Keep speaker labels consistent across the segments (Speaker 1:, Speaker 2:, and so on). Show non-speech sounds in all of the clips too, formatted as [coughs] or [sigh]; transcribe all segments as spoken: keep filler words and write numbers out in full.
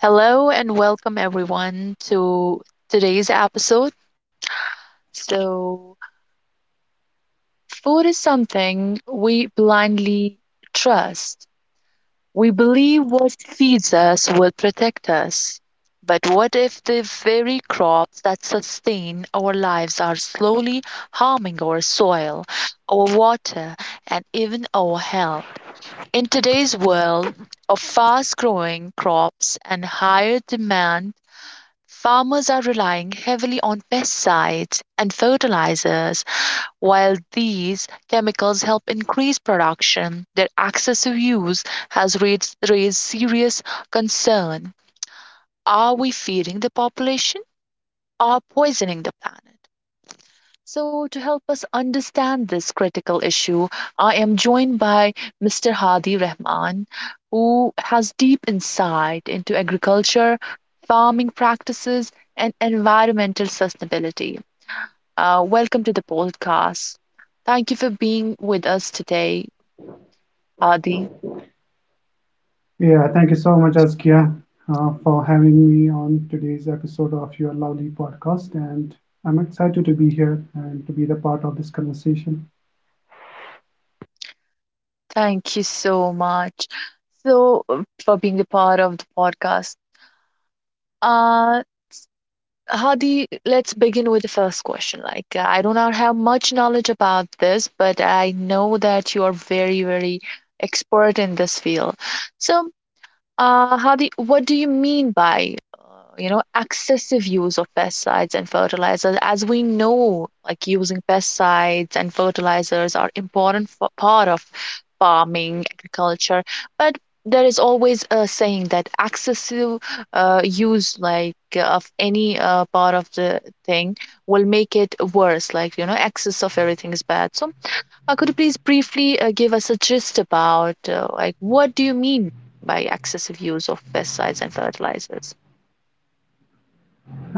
Speaker 1: Hello and welcome everyone to today's episode. So, food is something we blindly trust. We believe what feeds us will protect us. But what if the very crops that sustain our lives are slowly harming our soil, our water, and even our health? In today's world of fast growing crops and higher demand, farmers are relying heavily on pesticides and fertilizers. While these chemicals help increase production, their excessive use has raised, raised serious concern. Are we feeding the population or poisoning the planet? So, to help us understand this critical issue, I am joined by Mister Hadi Rahman, who has deep insight into agriculture, farming practices, and environmental sustainability. Uh, welcome to the podcast. Thank you for being with us today, Hadi.
Speaker 2: Yeah, thank you so much, Askia, uh, for having me on today's episode of your lovely podcast. And I'm excited to be here and to be the part of this conversation.
Speaker 1: Thank you so much. So, uh, for being a part of the podcast. Uh, Hadi, let's begin with the first question. Like, uh, I do not have much knowledge about this, but I know that you are very, very expert in this field. So, uh, Hadi, what do you mean by, uh, you know, excessive use of pesticides and fertilizers? As we know, like using pesticides and fertilizers are important for part of farming, agriculture, but there is always a saying that excessive uh, use like of any uh, part of the thing will make it worse. Like, you know, excess of everything is bad. So uh, could you please briefly uh, give us a gist about uh, like what do you mean by excessive use of pesticides and fertilizers?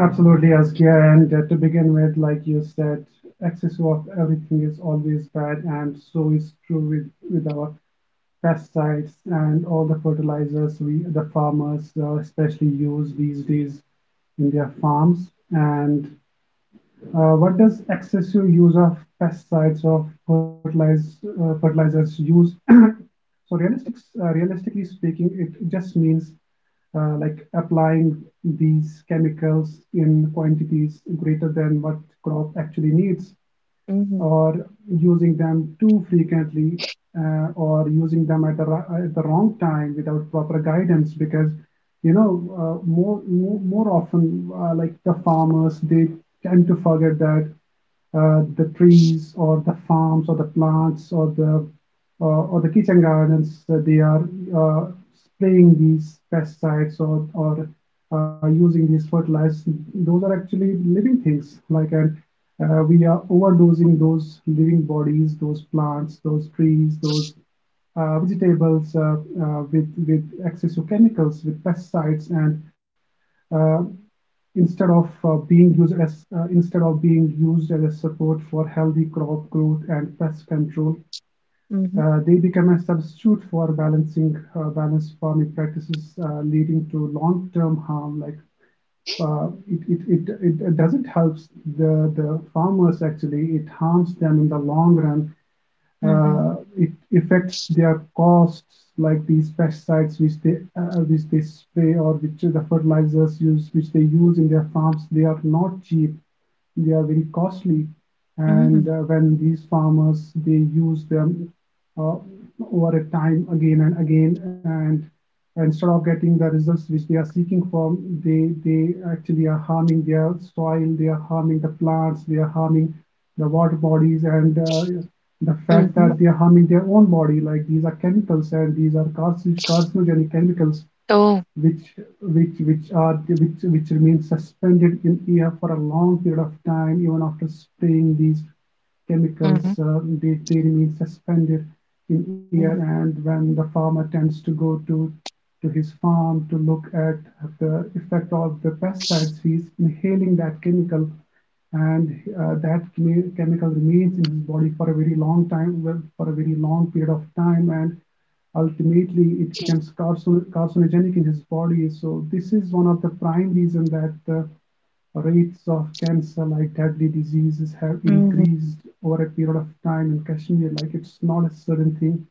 Speaker 2: Absolutely, Askia. And uh, to begin with, like you said, excess of everything is always bad, and so is true with, with our pesticides and all the fertilizers we the farmers uh, especially use these days in their farms. And Uh, what does excessive use of pesticides or fertilizers, uh, fertilizers use? [coughs] [clears throat] So realistic, uh, realistically speaking, it just means uh, like applying these chemicals in quantities greater than what crop actually needs,
Speaker 1: Mm-hmm.
Speaker 2: or using them too frequently, uh, or using them at the, at the wrong time without proper guidance, because, you know, uh, more, more more often, uh, like, the farmers, they tend to forget that, uh, the trees or the farms or the plants, or the uh, or the kitchen gardens, that they are uh, spraying these pesticides, or, or uh, using these fertilizers, those are actually living things. Like, and uh, we are overdosing those living bodies, those plants, those trees, those uh, vegetables, uh, uh, with with excessive chemicals, with pesticides, and, uh, instead of uh, being used as uh, instead of being used as a support for healthy crop growth and pest control,
Speaker 1: Mm-hmm.
Speaker 2: uh, They become a substitute for balancing uh, balanced farming practices, uh, leading to long-term harm. Like, uh, it it- it- it doesn't help the the farmers actually. It harms them in the long run.
Speaker 1: Mm-hmm.
Speaker 2: Uh, it affects their costs, like these pesticides which they, uh, which they spray, or which the fertilizers use, which they use in their farms. They are not cheap; they are very costly.
Speaker 1: Mm-hmm.
Speaker 2: And uh, when these farmers they use them, uh, over a time again and again, and instead of getting the results which they are seeking for, they they actually are harming their soil, they are harming the plants, they are harming the water bodies, and uh, the fact
Speaker 1: Mm-hmm.
Speaker 2: that they are harming their own body, like, these are chemicals and these are carcinogenic chemicals,
Speaker 1: Oh,
Speaker 2: which which which are which which remain suspended in air for a long period of time, even after spraying these
Speaker 1: mm-hmm.
Speaker 2: chemicals, uh, they, they remain suspended in air,
Speaker 1: Mm-hmm.
Speaker 2: and when the farmer tends to go to to his farm to look at the effect of the pesticides, he's inhaling that chemical, and uh, that chemical remains in his body for a very long time, well, for a very long period of time, and ultimately it becomes carcinogenic in his body. So this is one of the prime reason that the rates of cancer like deadly diseases have
Speaker 1: Mm-hmm.
Speaker 2: increased over a period of time in Kashmir. Like, it's not a certain thing.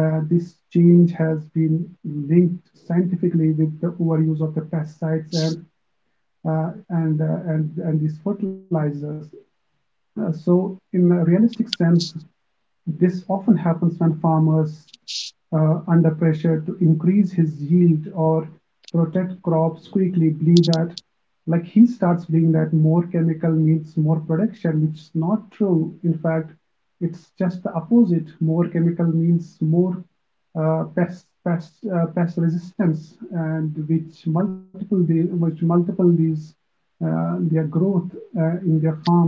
Speaker 2: Uh, this change has been linked scientifically with the overuse of the pesticides and uh, and, uh, and and these fertilizers. Uh, so in a realistic sense, this often happens when farmers, uh, under pressure to increase his yield or protect crops quickly, believe that, like, he starts believing that more chemical means more production, which is not true. In fact, it's just the opposite. More chemical means more uh, pest pest uh, pest resistance, and which multiple the which multiple these, uh, their growth, uh, in their farms.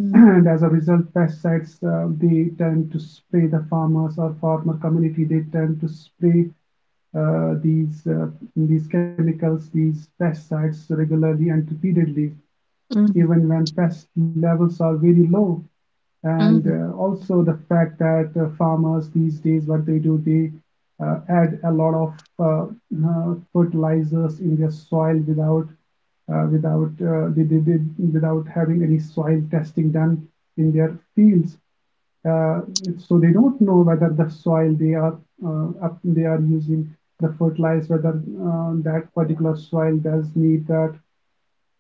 Speaker 2: And as a result, pesticides, uh, they tend to spray, the farmers or farmer community, they tend to spray uh, these, uh, these chemicals, these pesticides regularly and repeatedly,
Speaker 1: Mm-hmm.
Speaker 2: even when pest levels are very low. And
Speaker 1: Mm-hmm.
Speaker 2: uh, also, the fact that, uh, farmers these days, what they do, they uh, add a lot of uh, uh, fertilizers in their soil, without uh, without uh, they, they did without having any soil testing done in their fields. Uh, so they don't know whether the soil they are, uh, up, they are using the fertilizer, whether, uh, that particular soil does need that,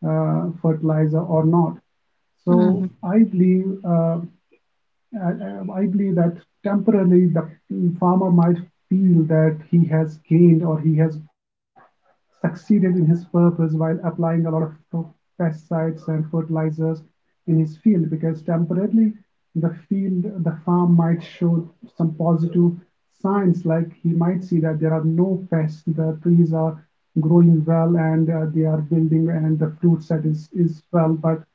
Speaker 2: uh, fertilizer or not.
Speaker 1: Mm-hmm.
Speaker 2: So I believe uh, I I believe that temporarily the farmer might feel that he has gained or he has succeeded in his purpose while applying a lot of pesticides and fertilizers in his field, because temporarily the field the farm might show some positive signs, like, he might see that there are no pests, the trees are growing well, and uh, they are building and the fruit set is is well, but,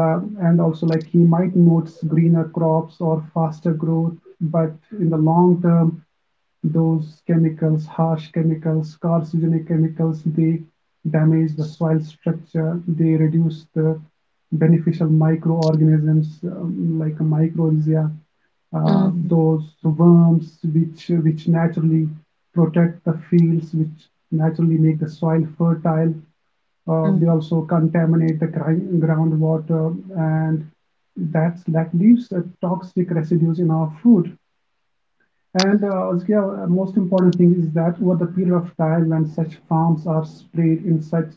Speaker 2: uh, and also, like, he might notice greener crops or faster growth, but in the long term, those chemicals, harsh chemicals, carcinogenic chemicals, they damage the soil structure, they reduce the beneficial microorganisms, um, like a microalgae, uh,
Speaker 1: Mm-hmm.
Speaker 2: those worms which which naturally protect the fields, which naturally make the soil fertile. Uh, they also contaminate the gri- groundwater, and that's that leaves uh, toxic residues in our food. And uh, Azkia, uh, most important thing is that over the period of time, when such farms are sprayed in such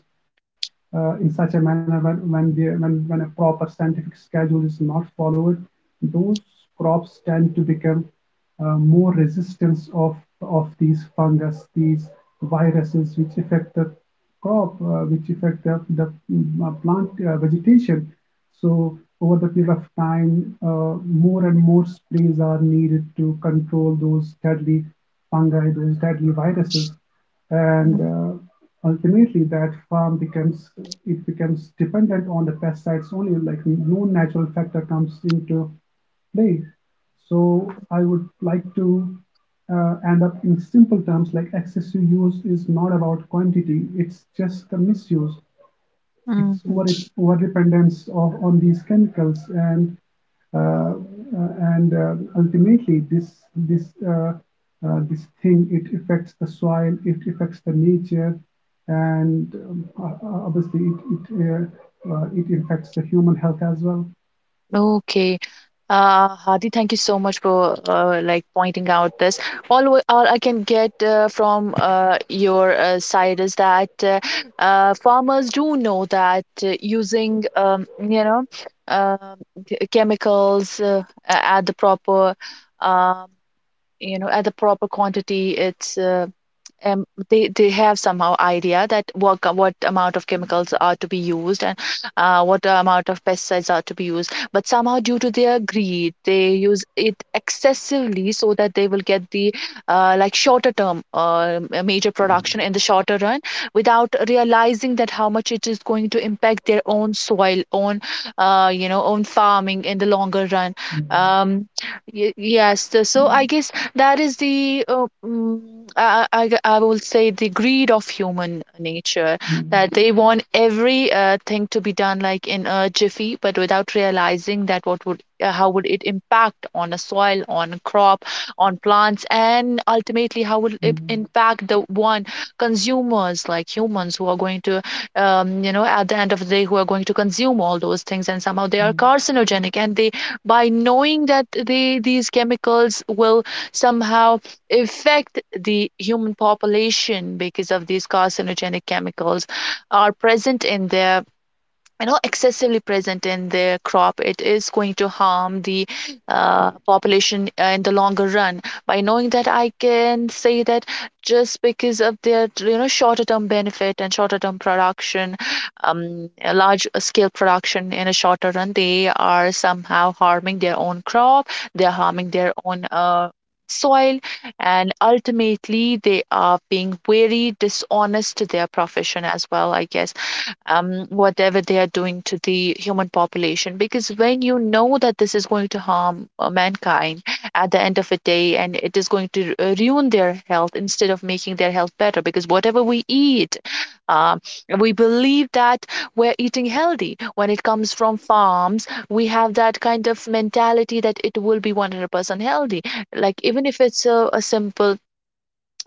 Speaker 2: uh, in such a manner, when when, they, when when a proper scientific schedule is not followed, those crops tend to become, uh, more resistant of of these fungus, these viruses which affect the crop, uh, which affect the, the mm, uh, plant uh, vegetation. So over the period of time, uh, more and more sprays are needed to control those deadly fungi, those deadly viruses,
Speaker 1: Mm-hmm.
Speaker 2: and uh, ultimately that farm becomes it becomes dependent on the pesticides only. Like, no natural factor comes into play. So I would like to, uh, end up in simple terms, like, excessive use is not about quantity; it's just the misuse, it's
Speaker 1: Mm-hmm.
Speaker 2: over over dependence of on these chemicals, and uh, uh, and uh, ultimately this, this uh, uh, this thing, it affects the soil, it affects the nature, and um, obviously it it, uh, uh, it affects the human health as well.
Speaker 1: Okay. Uh, Hadi, thank you so much for uh, like pointing out this. All, w- all I can get uh, from uh, your uh, side is that uh, uh, farmers do know that uh, using um, you know uh, ch- chemicals uh, a- at the proper um, you know at the proper quantity. It's uh, um, they they have somehow idea that what what amount of chemicals are to be used, and uh, what amount of pesticides are to be used, but somehow due to their greed they use it excessively so that they will get the uh, like shorter term uh, major production in the shorter run, without realizing that how much it is going to impact their own soil, own uh, you know own farming in the longer run. Um, y- yes so so I guess that is the uh, mm, I I I will say the greed of human nature, that
Speaker 2: Mm,
Speaker 1: they want every uh, thing to be done like in a jiffy, but without realizing that what would uh, how would it impact on a soil, on a crop, on plants, and ultimately how will it
Speaker 2: mm,
Speaker 1: impact the one consumers like humans, who are going to um, you know at the end of the day who are going to consume all those things, and somehow they are
Speaker 2: mm.
Speaker 1: carcinogenic, and they, by knowing that they, these chemicals will somehow affect the human population because of these carcinogenic chemicals are present in their, you know excessively present in their crop, it is going to harm the uh, population uh, in the longer run. By knowing that, I can say that just because of their, you know shorter term benefit and shorter term production, um, a large scale production in a shorter run, they are somehow harming their own crop, they're harming their own uh, soil, and ultimately they are being very dishonest to their profession as well, I guess, um, whatever they are doing to the human population. Because when you know that this is going to harm uh, mankind at the end of the day, and it is going to uh, ruin their health instead of making their health better, because whatever we eat, um, we believe that we're eating healthy. When it comes from farms, we have that kind of mentality that it will be one hundred percent healthy. Like, even if it's a, a simple,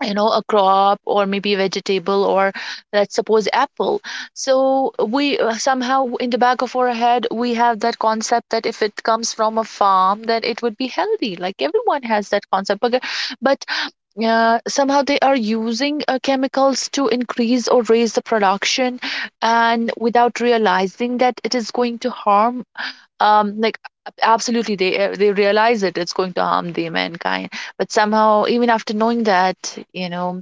Speaker 1: you know a crop or maybe vegetable or let's suppose apple, so we uh, somehow in the back of our head we have that concept that if it comes from a farm then it would be healthy, like everyone has that concept, but, but uh, somehow they are using uh, chemicals to increase or raise the production, and without realizing that it is going to harm, um like, ab- absolutely, they uh, they realize it it's going to harm the mankind. But somehow, even after knowing that, you know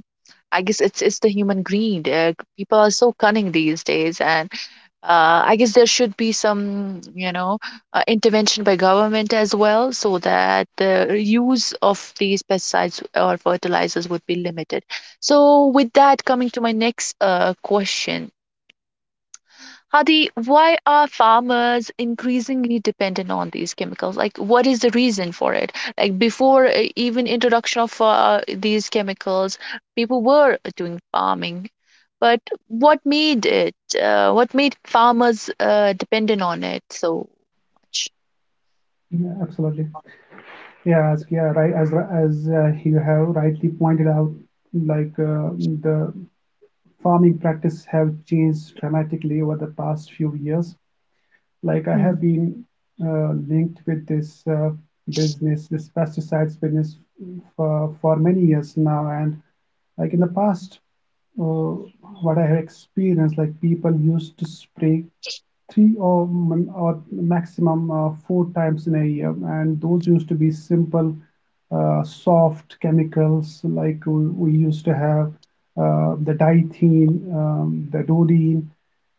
Speaker 1: I guess it's it's the human greed. Uh, people are so cunning these days, and uh, I guess there should be some, you know, uh, intervention by government as well, so that the use of these pesticides or fertilizers would be limited. So, with that, coming to my next uh, question, Hadi, why are farmers increasingly dependent on these chemicals? Like, what is the reason for it? Like, before uh, even introduction of uh, these chemicals, people were doing farming, but what made it? Uh, what made farmers uh, dependent on it so much?
Speaker 2: yeah absolutely yeah as yeah right as as uh, You have rightly pointed out, like uh, the farming practices have changed dramatically over the past few years. Like, I
Speaker 1: Mhm,
Speaker 2: have been uh, linked with this, uh, business, this pesticides business for, for many years now. And, like, in the past, uh, what I have experienced, like, people used to spray three or, or maximum uh, four times in a year, and those used to be simple, uh, soft chemicals, like, we, we used to have uh, the diethene, um, the dodene,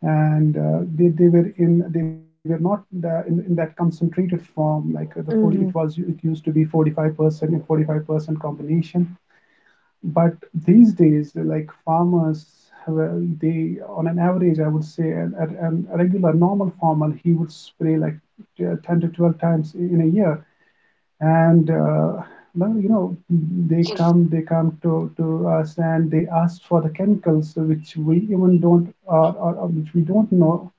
Speaker 2: and uh, they, they were in they were not the, in, in that concentrated form, like the forty, it was,
Speaker 1: mhm,
Speaker 2: it used to be forty-five percent and forty-five percent combination. But these days, like, farmers, well, they, on an average, I would say a, a, a regular normal farmer, he would spray like ten to twelve times in a year, and uh, well, you know they come they come to, to us and they ask for the chemicals which we even don't, uh, or, or which we don't know.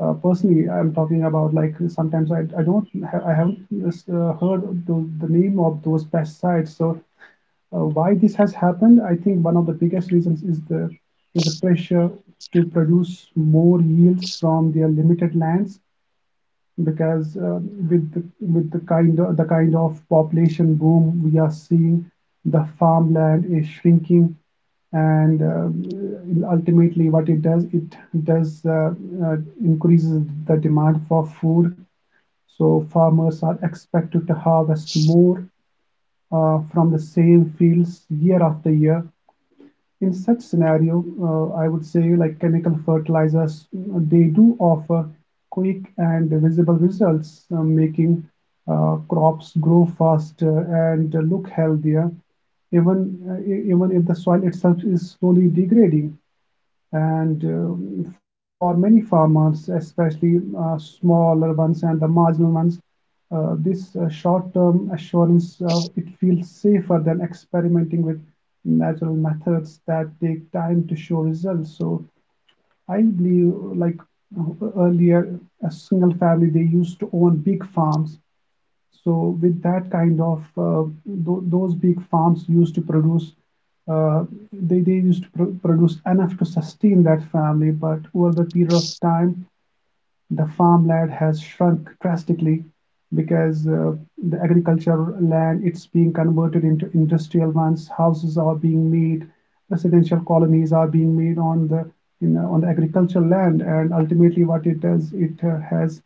Speaker 2: Uh, personally I'm talking about, like, sometimes I, I don't ha- I haven't uh, heard the, the name of those pesticides. So, uh, why this has happened, I think one of the biggest reasons is the is the pressure to produce more yields from their limited lands, because, uh, with the, with the kind of, the kind of population boom we are seeing, the farmland is shrinking, and, um, ultimately what it does, it does uh, uh, increases the demand for food. So farmers are expected to harvest more, uh, from the same fields year after year. In such scenario, uh, I would say, like, chemical fertilizers, uh, they do offer quick and visible results, uh, making uh, crops grow faster and look healthier, even, uh, e- even if the soil itself is slowly degrading. And uh, for many farmers, especially uh, smaller ones and the marginal ones, uh, this, uh, short-term assurance, uh, it feels safer than experimenting with natural methods that take time to show results. So I believe, like, uh, earlier, a single family, they used to own big farms, so with that kind of, uh, tho- those big farms used to produce, uh, they they used to pro- produce enough to sustain that family. But over the period of time, the farmland has shrunk drastically, because, uh, the agricultural land, it's being converted into industrial ones, houses are being made, residential colonies are being made on the in, uh, on the agricultural land, and ultimately, what it does, it uh, has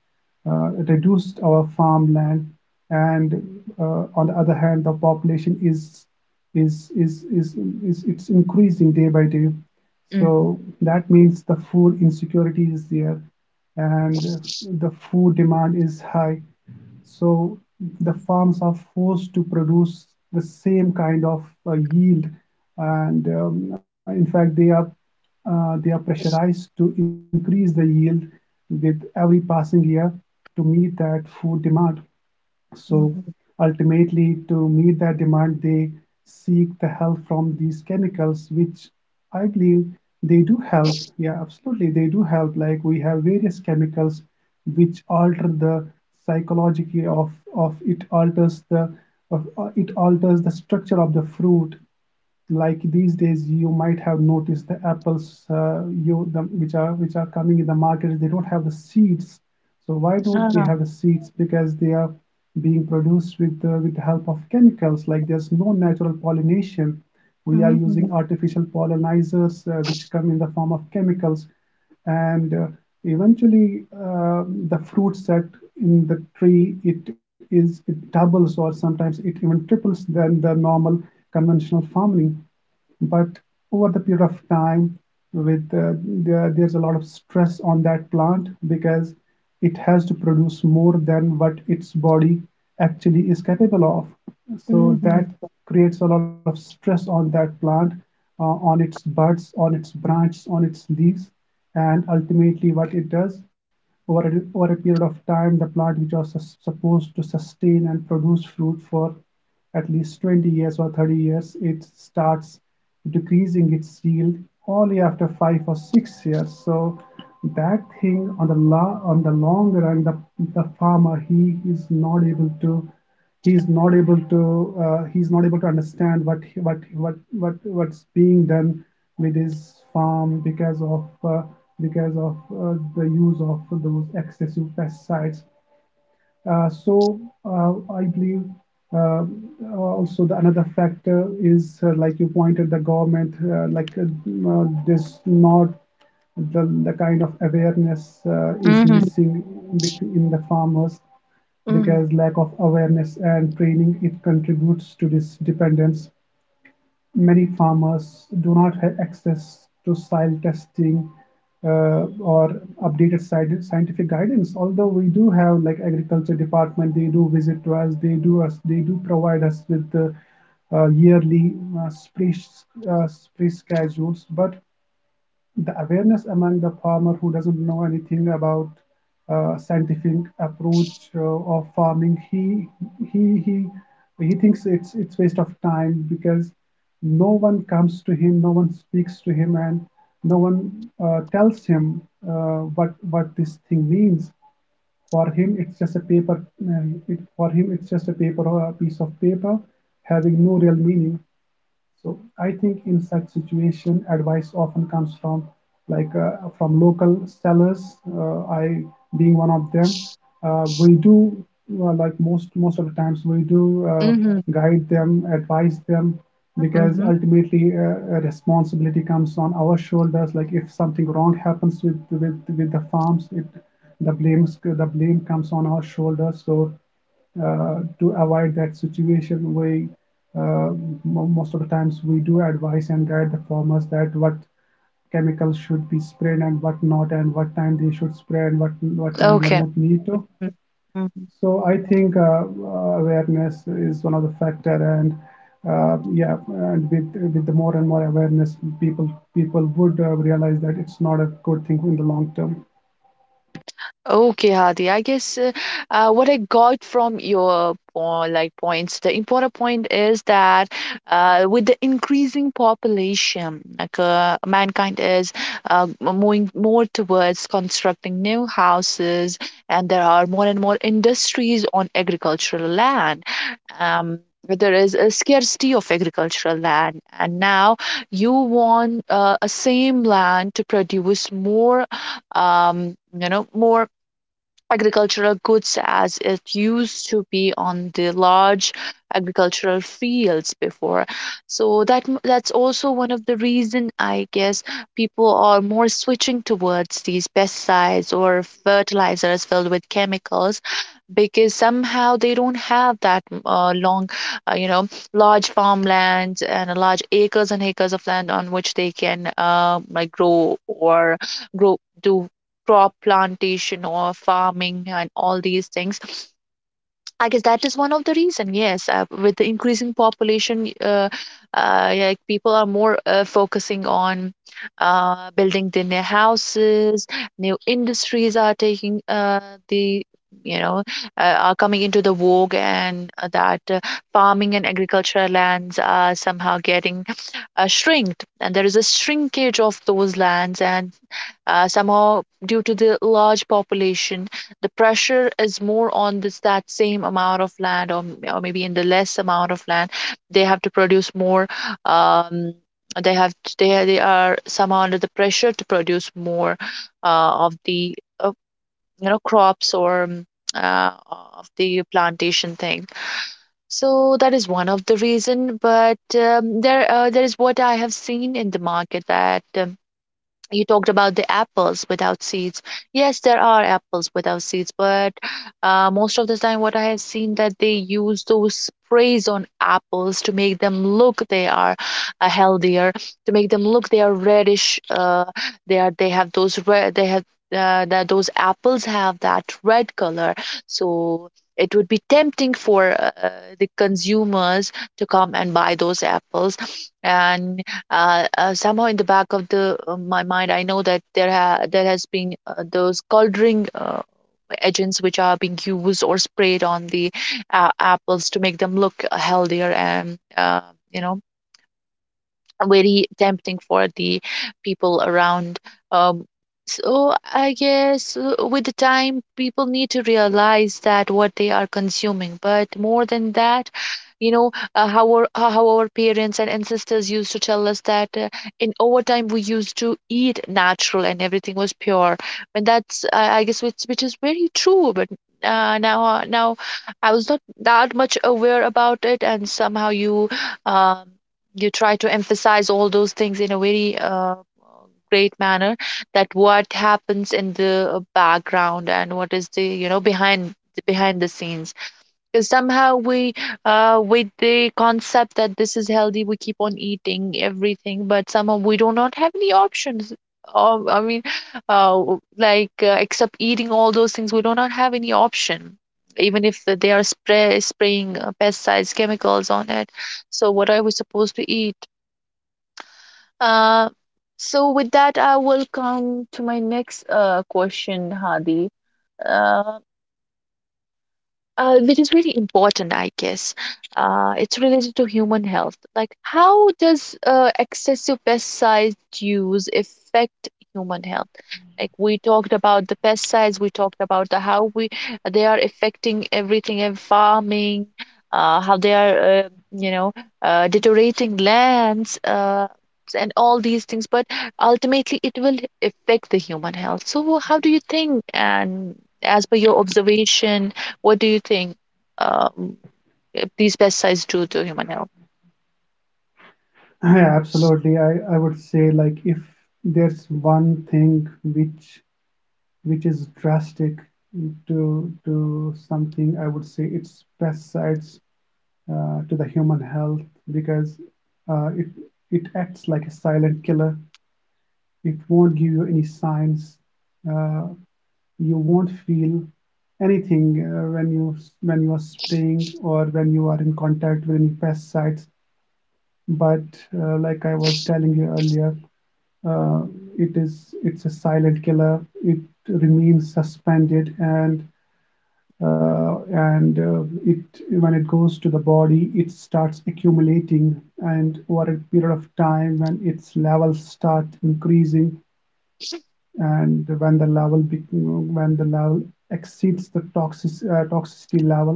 Speaker 2: uh, reduced our farmland. And uh, on the other hand, the population is is is is, is is it's increasing day by day.
Speaker 1: mhm,
Speaker 2: So that means the food insecurity is there, and the food demand is high. So the farms are forced to produce the same kind of, uh, yield, and, um, in fact, they are, uh, they are pressurized to increase the yield with every passing year to meet that food demand. So
Speaker 1: mhm.
Speaker 2: ultimately, to meet that demand, they seek the help from these chemicals, which I believe they do help. Yeah, absolutely, they do help. Like we have various chemicals which alter the psychology of of it alters the of, uh, it alters the structure of the fruit. Like these days you might have noticed the apples, uh, you the, which are which are coming in the market, they don't have the seeds. So why don't they
Speaker 1: Ah,
Speaker 2: have the seeds? Because they are being produced with uh, with the help of chemicals. Like there's no natural pollination, we are using
Speaker 1: mhm,
Speaker 2: artificial pollinizers, uh, which come in the form of chemicals. And uh, eventually, um, the fruit set in the tree, it is it doubles or sometimes it even triples than the normal conventional farming. But over the period of time, with uh, there, there's a lot of stress on that plant because it has to produce more than what its body actually is capable of, so that
Speaker 1: mhm,
Speaker 2: creates a lot of stress on that plant, uh, on its buds, on its branches, on its leaves, and ultimately what it does over a, over a period of time, the plant which was sus- supposed to sustain and produce fruit for at least twenty years or thirty years, it starts decreasing its yield only after five or six years. So that thing on the la- on the long run, the, the farmer, he is not able to he's not able to uh, he's not able to understand what what what what what's being done with his farm because of uh, because of uh, the use of those excessive pesticides. uh, so uh, I believe, uh, uh, also, the another factor is, uh, like you pointed, the government, uh, like uh, uh, this not the, the kind of awareness uh, is
Speaker 1: mhm,
Speaker 2: missing in the farmers,
Speaker 1: mhm,
Speaker 2: because lack of awareness and training, it contributes to this dependence. Many farmers do not have access to soil testing, uh, or updated scientific guidance. Although we do have like agriculture department, they do visit to us, they do us, they do provide us with the uh, yearly uh, spray, uh, spray schedules. But the awareness among the farmer who doesn't know anything about uh, scientific approach uh, of farming, he he he he thinks it's it's waste of time because no one comes to him, no one speaks to him, and no one uh, tells him uh, what what this thing means. For him, it's just a paper, uh, it, for him, it's just a paper or a piece of paper having no real meaning. So I think in such situation, advice often comes from, like uh, from local sellers. Uh, I being one of them. Uh, we do, uh, like most most of the times we do, uh,
Speaker 1: mhm.
Speaker 2: guide them, advise them, because
Speaker 1: Mm-hmm.
Speaker 2: ultimately, uh, a responsibility comes on our shoulders. Like if something wrong happens with with with the farms, it the blames the blame comes on our shoulders. So uh, to avoid that situation, we, uh, most of the times we do advise and guide the farmers that what chemicals should be sprayed and what not, and what time they should spray and what what time they
Speaker 1: Okay.
Speaker 2: don't need to. So I think, uh, uh, awareness is one of the factor, and uh, yeah, and with with the more and more awareness, people people would uh, realize that it's not a good thing in the long term.
Speaker 1: Okay, Hadi. I guess uh, uh, what I got from your po- like points, the important point is that uh, with the increasing population, like uh, mankind is uh, m- moving more towards constructing new houses, and there are more and more industries on agricultural land. Um, but there is a scarcity of agricultural land, and now you want uh, a same land to produce more, um, you know, more agricultural goods as it used to be on the large agricultural fields before, so that m- that's also one of the reason, I guess. People are more switching towards these pesticides or fertilizers filled with chemicals because somehow they don't have that uh, long, uh, you know, large farmlands and a large acres and acres of land on which they can uh, like grow or grow do crop plantation or farming and all these things. I guess that is one of the reason. Yes, uh, with the increasing population, uh, uh, yeah, like people are more uh, focusing on uh, building their new houses. New industries are taking uh, the you know uh, are coming into the vogue, and uh, that uh, farming and agricultural lands are somehow getting uh, shrinked, and there is a shrinkage of those lands, and uh, somehow due to the large population the pressure is more on this, that same amount of land, or, or maybe in the less amount of land they have to produce more, um, they have they, they are somehow under the pressure to produce more uh, of the uh, you know crops or um, uh, of the plantation thing, so that is one of the reason. But um, there uh, there is what I have seen in the market, that um, you talked about the apples without seeds. Yes, there are apples without seeds, but uh, most of the time what I have seen that they use those sprays on apples to make them look they are uh, healthier, to make them look they are reddish, uh, they are they have those red they have uh, that those apples have that red color, so it would be tempting for uh, the consumers to come and buy those apples. And uh, uh, somehow in the back of the uh, my mind I know that there ha- there has been uh, those coloring uh, agents which are being used or sprayed on the uh, apples to make them look uh, healthier and uh, you know very tempting for the people around. Um, so I guess uh, with the time, people need to realize that what they are consuming. But more than that, you know, uh, how our uh, how our parents and ancestors used to tell us that uh, in overtime we used to eat natural and everything was pure. And that's uh, I guess which which is very true. But uh, now uh, now I was not that much aware about it, and somehow you. Um, you try to emphasize all those things in a very uh, great manner, that what happens in the uh, background and what is the you know behind behind the scenes, because somehow we, uh, with the concept that this is healthy, we keep on eating everything, but somehow we do not have any options. um, I mean, uh, like, uh, except eating all those things we do not have any option, even if th- they are spray, spraying uh, pesticides chemicals on it. So what are we supposed to eat? Uh, so with that I will come to my next uh, question, Hadi. Uh, uh, which is really important, I guess. Uh, it's related to human health. Like, how does uh, excessive pesticide use affect human health? Like we talked about the pesticides, we talked about the how we they are affecting everything in farming, uh, how they are uh, you know uh, deteriorating lands. Uh, and all these things, but ultimately it will affect the human health. So how do you think, and as per your observation, what do you think, um, if these pesticides do to human health?
Speaker 2: [clears throat] Yeah, absolutely. I, I would say, like, if there's one thing which which is drastic to to something, I would say its pesticides, uh, to the human health, because uh, it it acts like a silent killer. It won't give you any signs. Uh, you won't feel anything uh, when you when you are spraying or when you are in contact with any pesticides. But uh, like I was telling you earlier, uh, it is it's a silent killer. It remains suspended, and uh, and uh, it, when it goes to the body, it starts accumulating, and over a period of time, when its levels start increasing, and when the level, when the level exceeds the toxic, uh, toxicity level,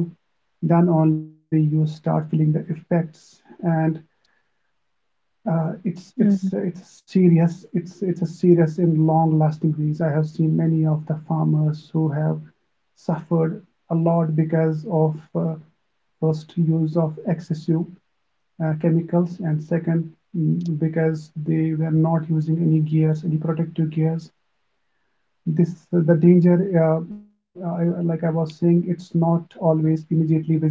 Speaker 2: then only you start feeling the effects. And uh, it's it's
Speaker 1: Mhm,
Speaker 2: it's serious. It's it's a serious and long-lasting disease. I have seen many of the farmers who have suffered a lot because of, uh, first, use of excessive uh, chemicals, and second, mm, because they were not using any gears, any protective gears. This the danger, uh, I, like I was saying, it's not always immediately visible.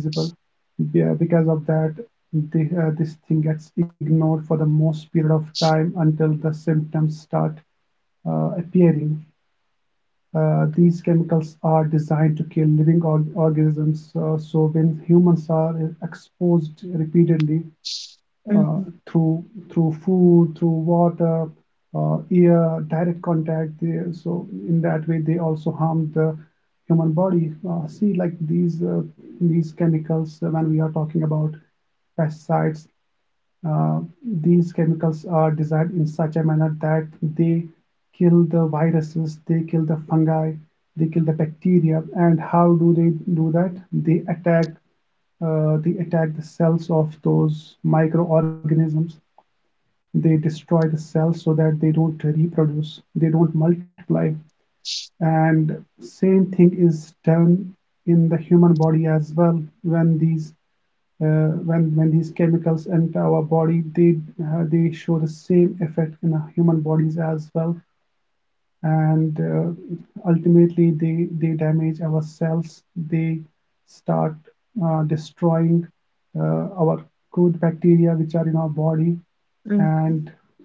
Speaker 2: Yeah, because of that, the, uh, this thing gets ignored for the most period of time until the symptoms start uh, appearing. Uh, these chemicals are designed to kill living org- organisms, uh, so when humans are exposed repeatedly, uh,
Speaker 1: mhm,
Speaker 2: through through food, through water, uh, air, direct contact. They, so in that way, they also harm the human body. Uh, see, like these uh, these chemicals, uh, when we are talking about pesticides, uh, these chemicals are designed in such a manner that they kill the viruses, they kill the fungi, they kill the bacteria. And how do they do that? They attack, uh, they attack the cells of those microorganisms. They destroy the cells so that they don't reproduce, they don't multiply. And same thing is done in the human body as well. When these, uh, when when these chemicals enter our body, they, uh, they show the same effect in our human bodies as well, and uh, ultimately, they they damage our cells, they start uh, destroying uh, our good bacteria which are in our body.
Speaker 1: mhm.
Speaker 2: And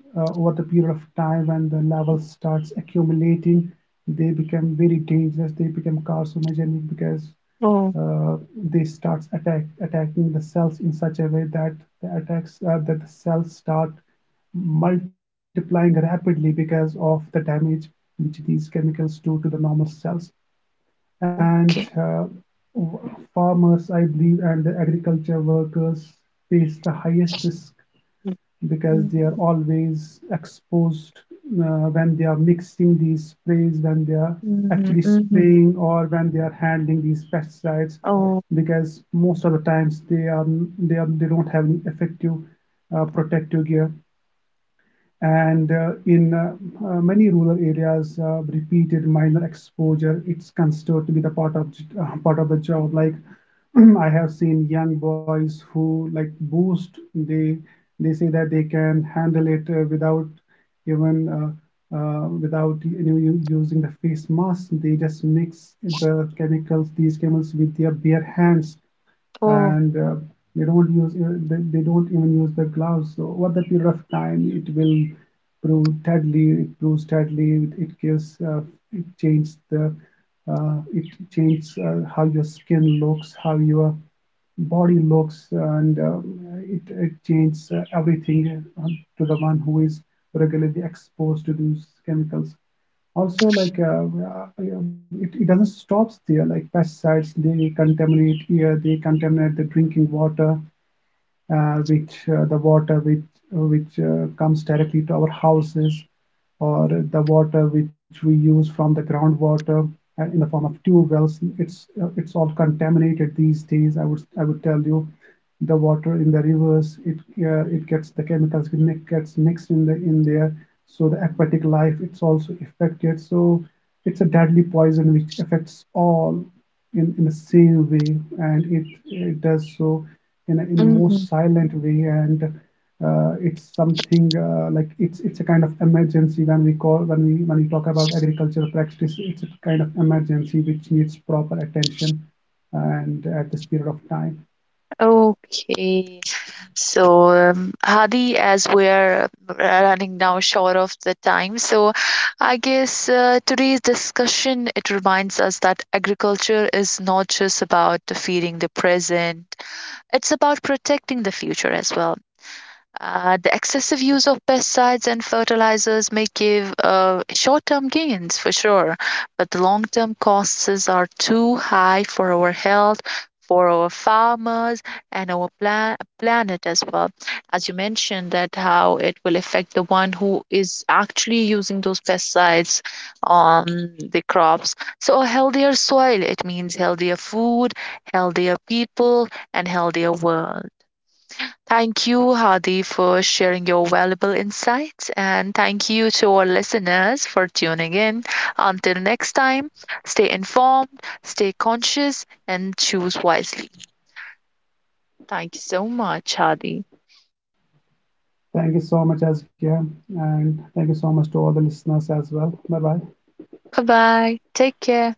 Speaker 2: uh, Over the period of time, when the level starts accumulating, they become very dangerous, they become carcinogenic, because
Speaker 1: Oh,
Speaker 2: uh, they starts attack attacking the cells in such a way that the attacks uh, that the cells start multiplying rapidly because of the damage which these chemicals do to the normal cells. And uh,
Speaker 1: okay.
Speaker 2: farmers, I believe, and the agriculture workers face the highest risk because they are
Speaker 1: Mhm,
Speaker 2: always exposed, uh, when they are mixing these sprays, when they are actually
Speaker 1: mhm,
Speaker 2: spraying,
Speaker 1: mhm.
Speaker 2: or when they are handling these pesticides.
Speaker 1: Oh,
Speaker 2: Because most of the times, they are, they are they don't have any effective uh, protective gear. And uh, in uh, uh, many rural areas, uh, repeated minor exposure, it's considered to be the part of, uh, part of the job. Like [clears throat] I have seen young boys who like boost. They they say that they can handle it uh, without even, uh, uh, without you know, u- using the face mask. They just mix the chemicals, these chemicals, with their bare hands, and
Speaker 1: oh,
Speaker 2: uh, they don't use, uh, they, they don't even use the gloves. So over the period of time, it will prove steadily. It proves steadily. It, it gives, uh, it changes the, uh, it changes, uh, how your skin looks, how your body looks, and uh, it, it changes, uh, everything, uh, to the one who is regularly exposed to these chemicals. Also, like uh, uh, it, it doesn't stop there. Like pesticides, they contaminate air, they contaminate the drinking water, uh, which uh, the water which uh, which uh, comes directly to our houses, or the water which we use from the groundwater uh, in the form of tube wells. It's, uh, it's all contaminated these days, i would I would tell you. The water in the rivers, it uh, it gets, the chemicals get gets mixed in the, in there. So the aquatic life, it's also affected. So it's a deadly poison which affects all in, in the same way, and it it does so in a, in a more
Speaker 1: mhm.
Speaker 2: silent way. And uh, it's something uh, like it's it's a kind of emergency. When we call, when we when we talk about agricultural practice, it's a kind of emergency which needs proper attention, and at this period of time.
Speaker 1: Okay. So, um, Hadi, as we're running now short of the time, so I guess uh, today's discussion it reminds us that agriculture is not just about feeding the present; it's about protecting the future as well. Uh, the excessive use of pesticides and fertilizers may give uh, short term gains for sure, but the long term costs are too high for our health, for our farmers, and our plan- planet as well. As you mentioned, that how it will affect the one who is actually using those pesticides on the crops. So, a healthier soil, it means healthier food, healthier people, and healthier world. Thank you, Hadi, for sharing your valuable insights, and thank you to our listeners for tuning in. Until next time, stay informed, stay conscious, and choose wisely. Thank you so much, Hadi.
Speaker 2: Thank you so much, Azkia, and thank you so much to all the listeners as well. Bye bye.
Speaker 1: Bye bye. Take care.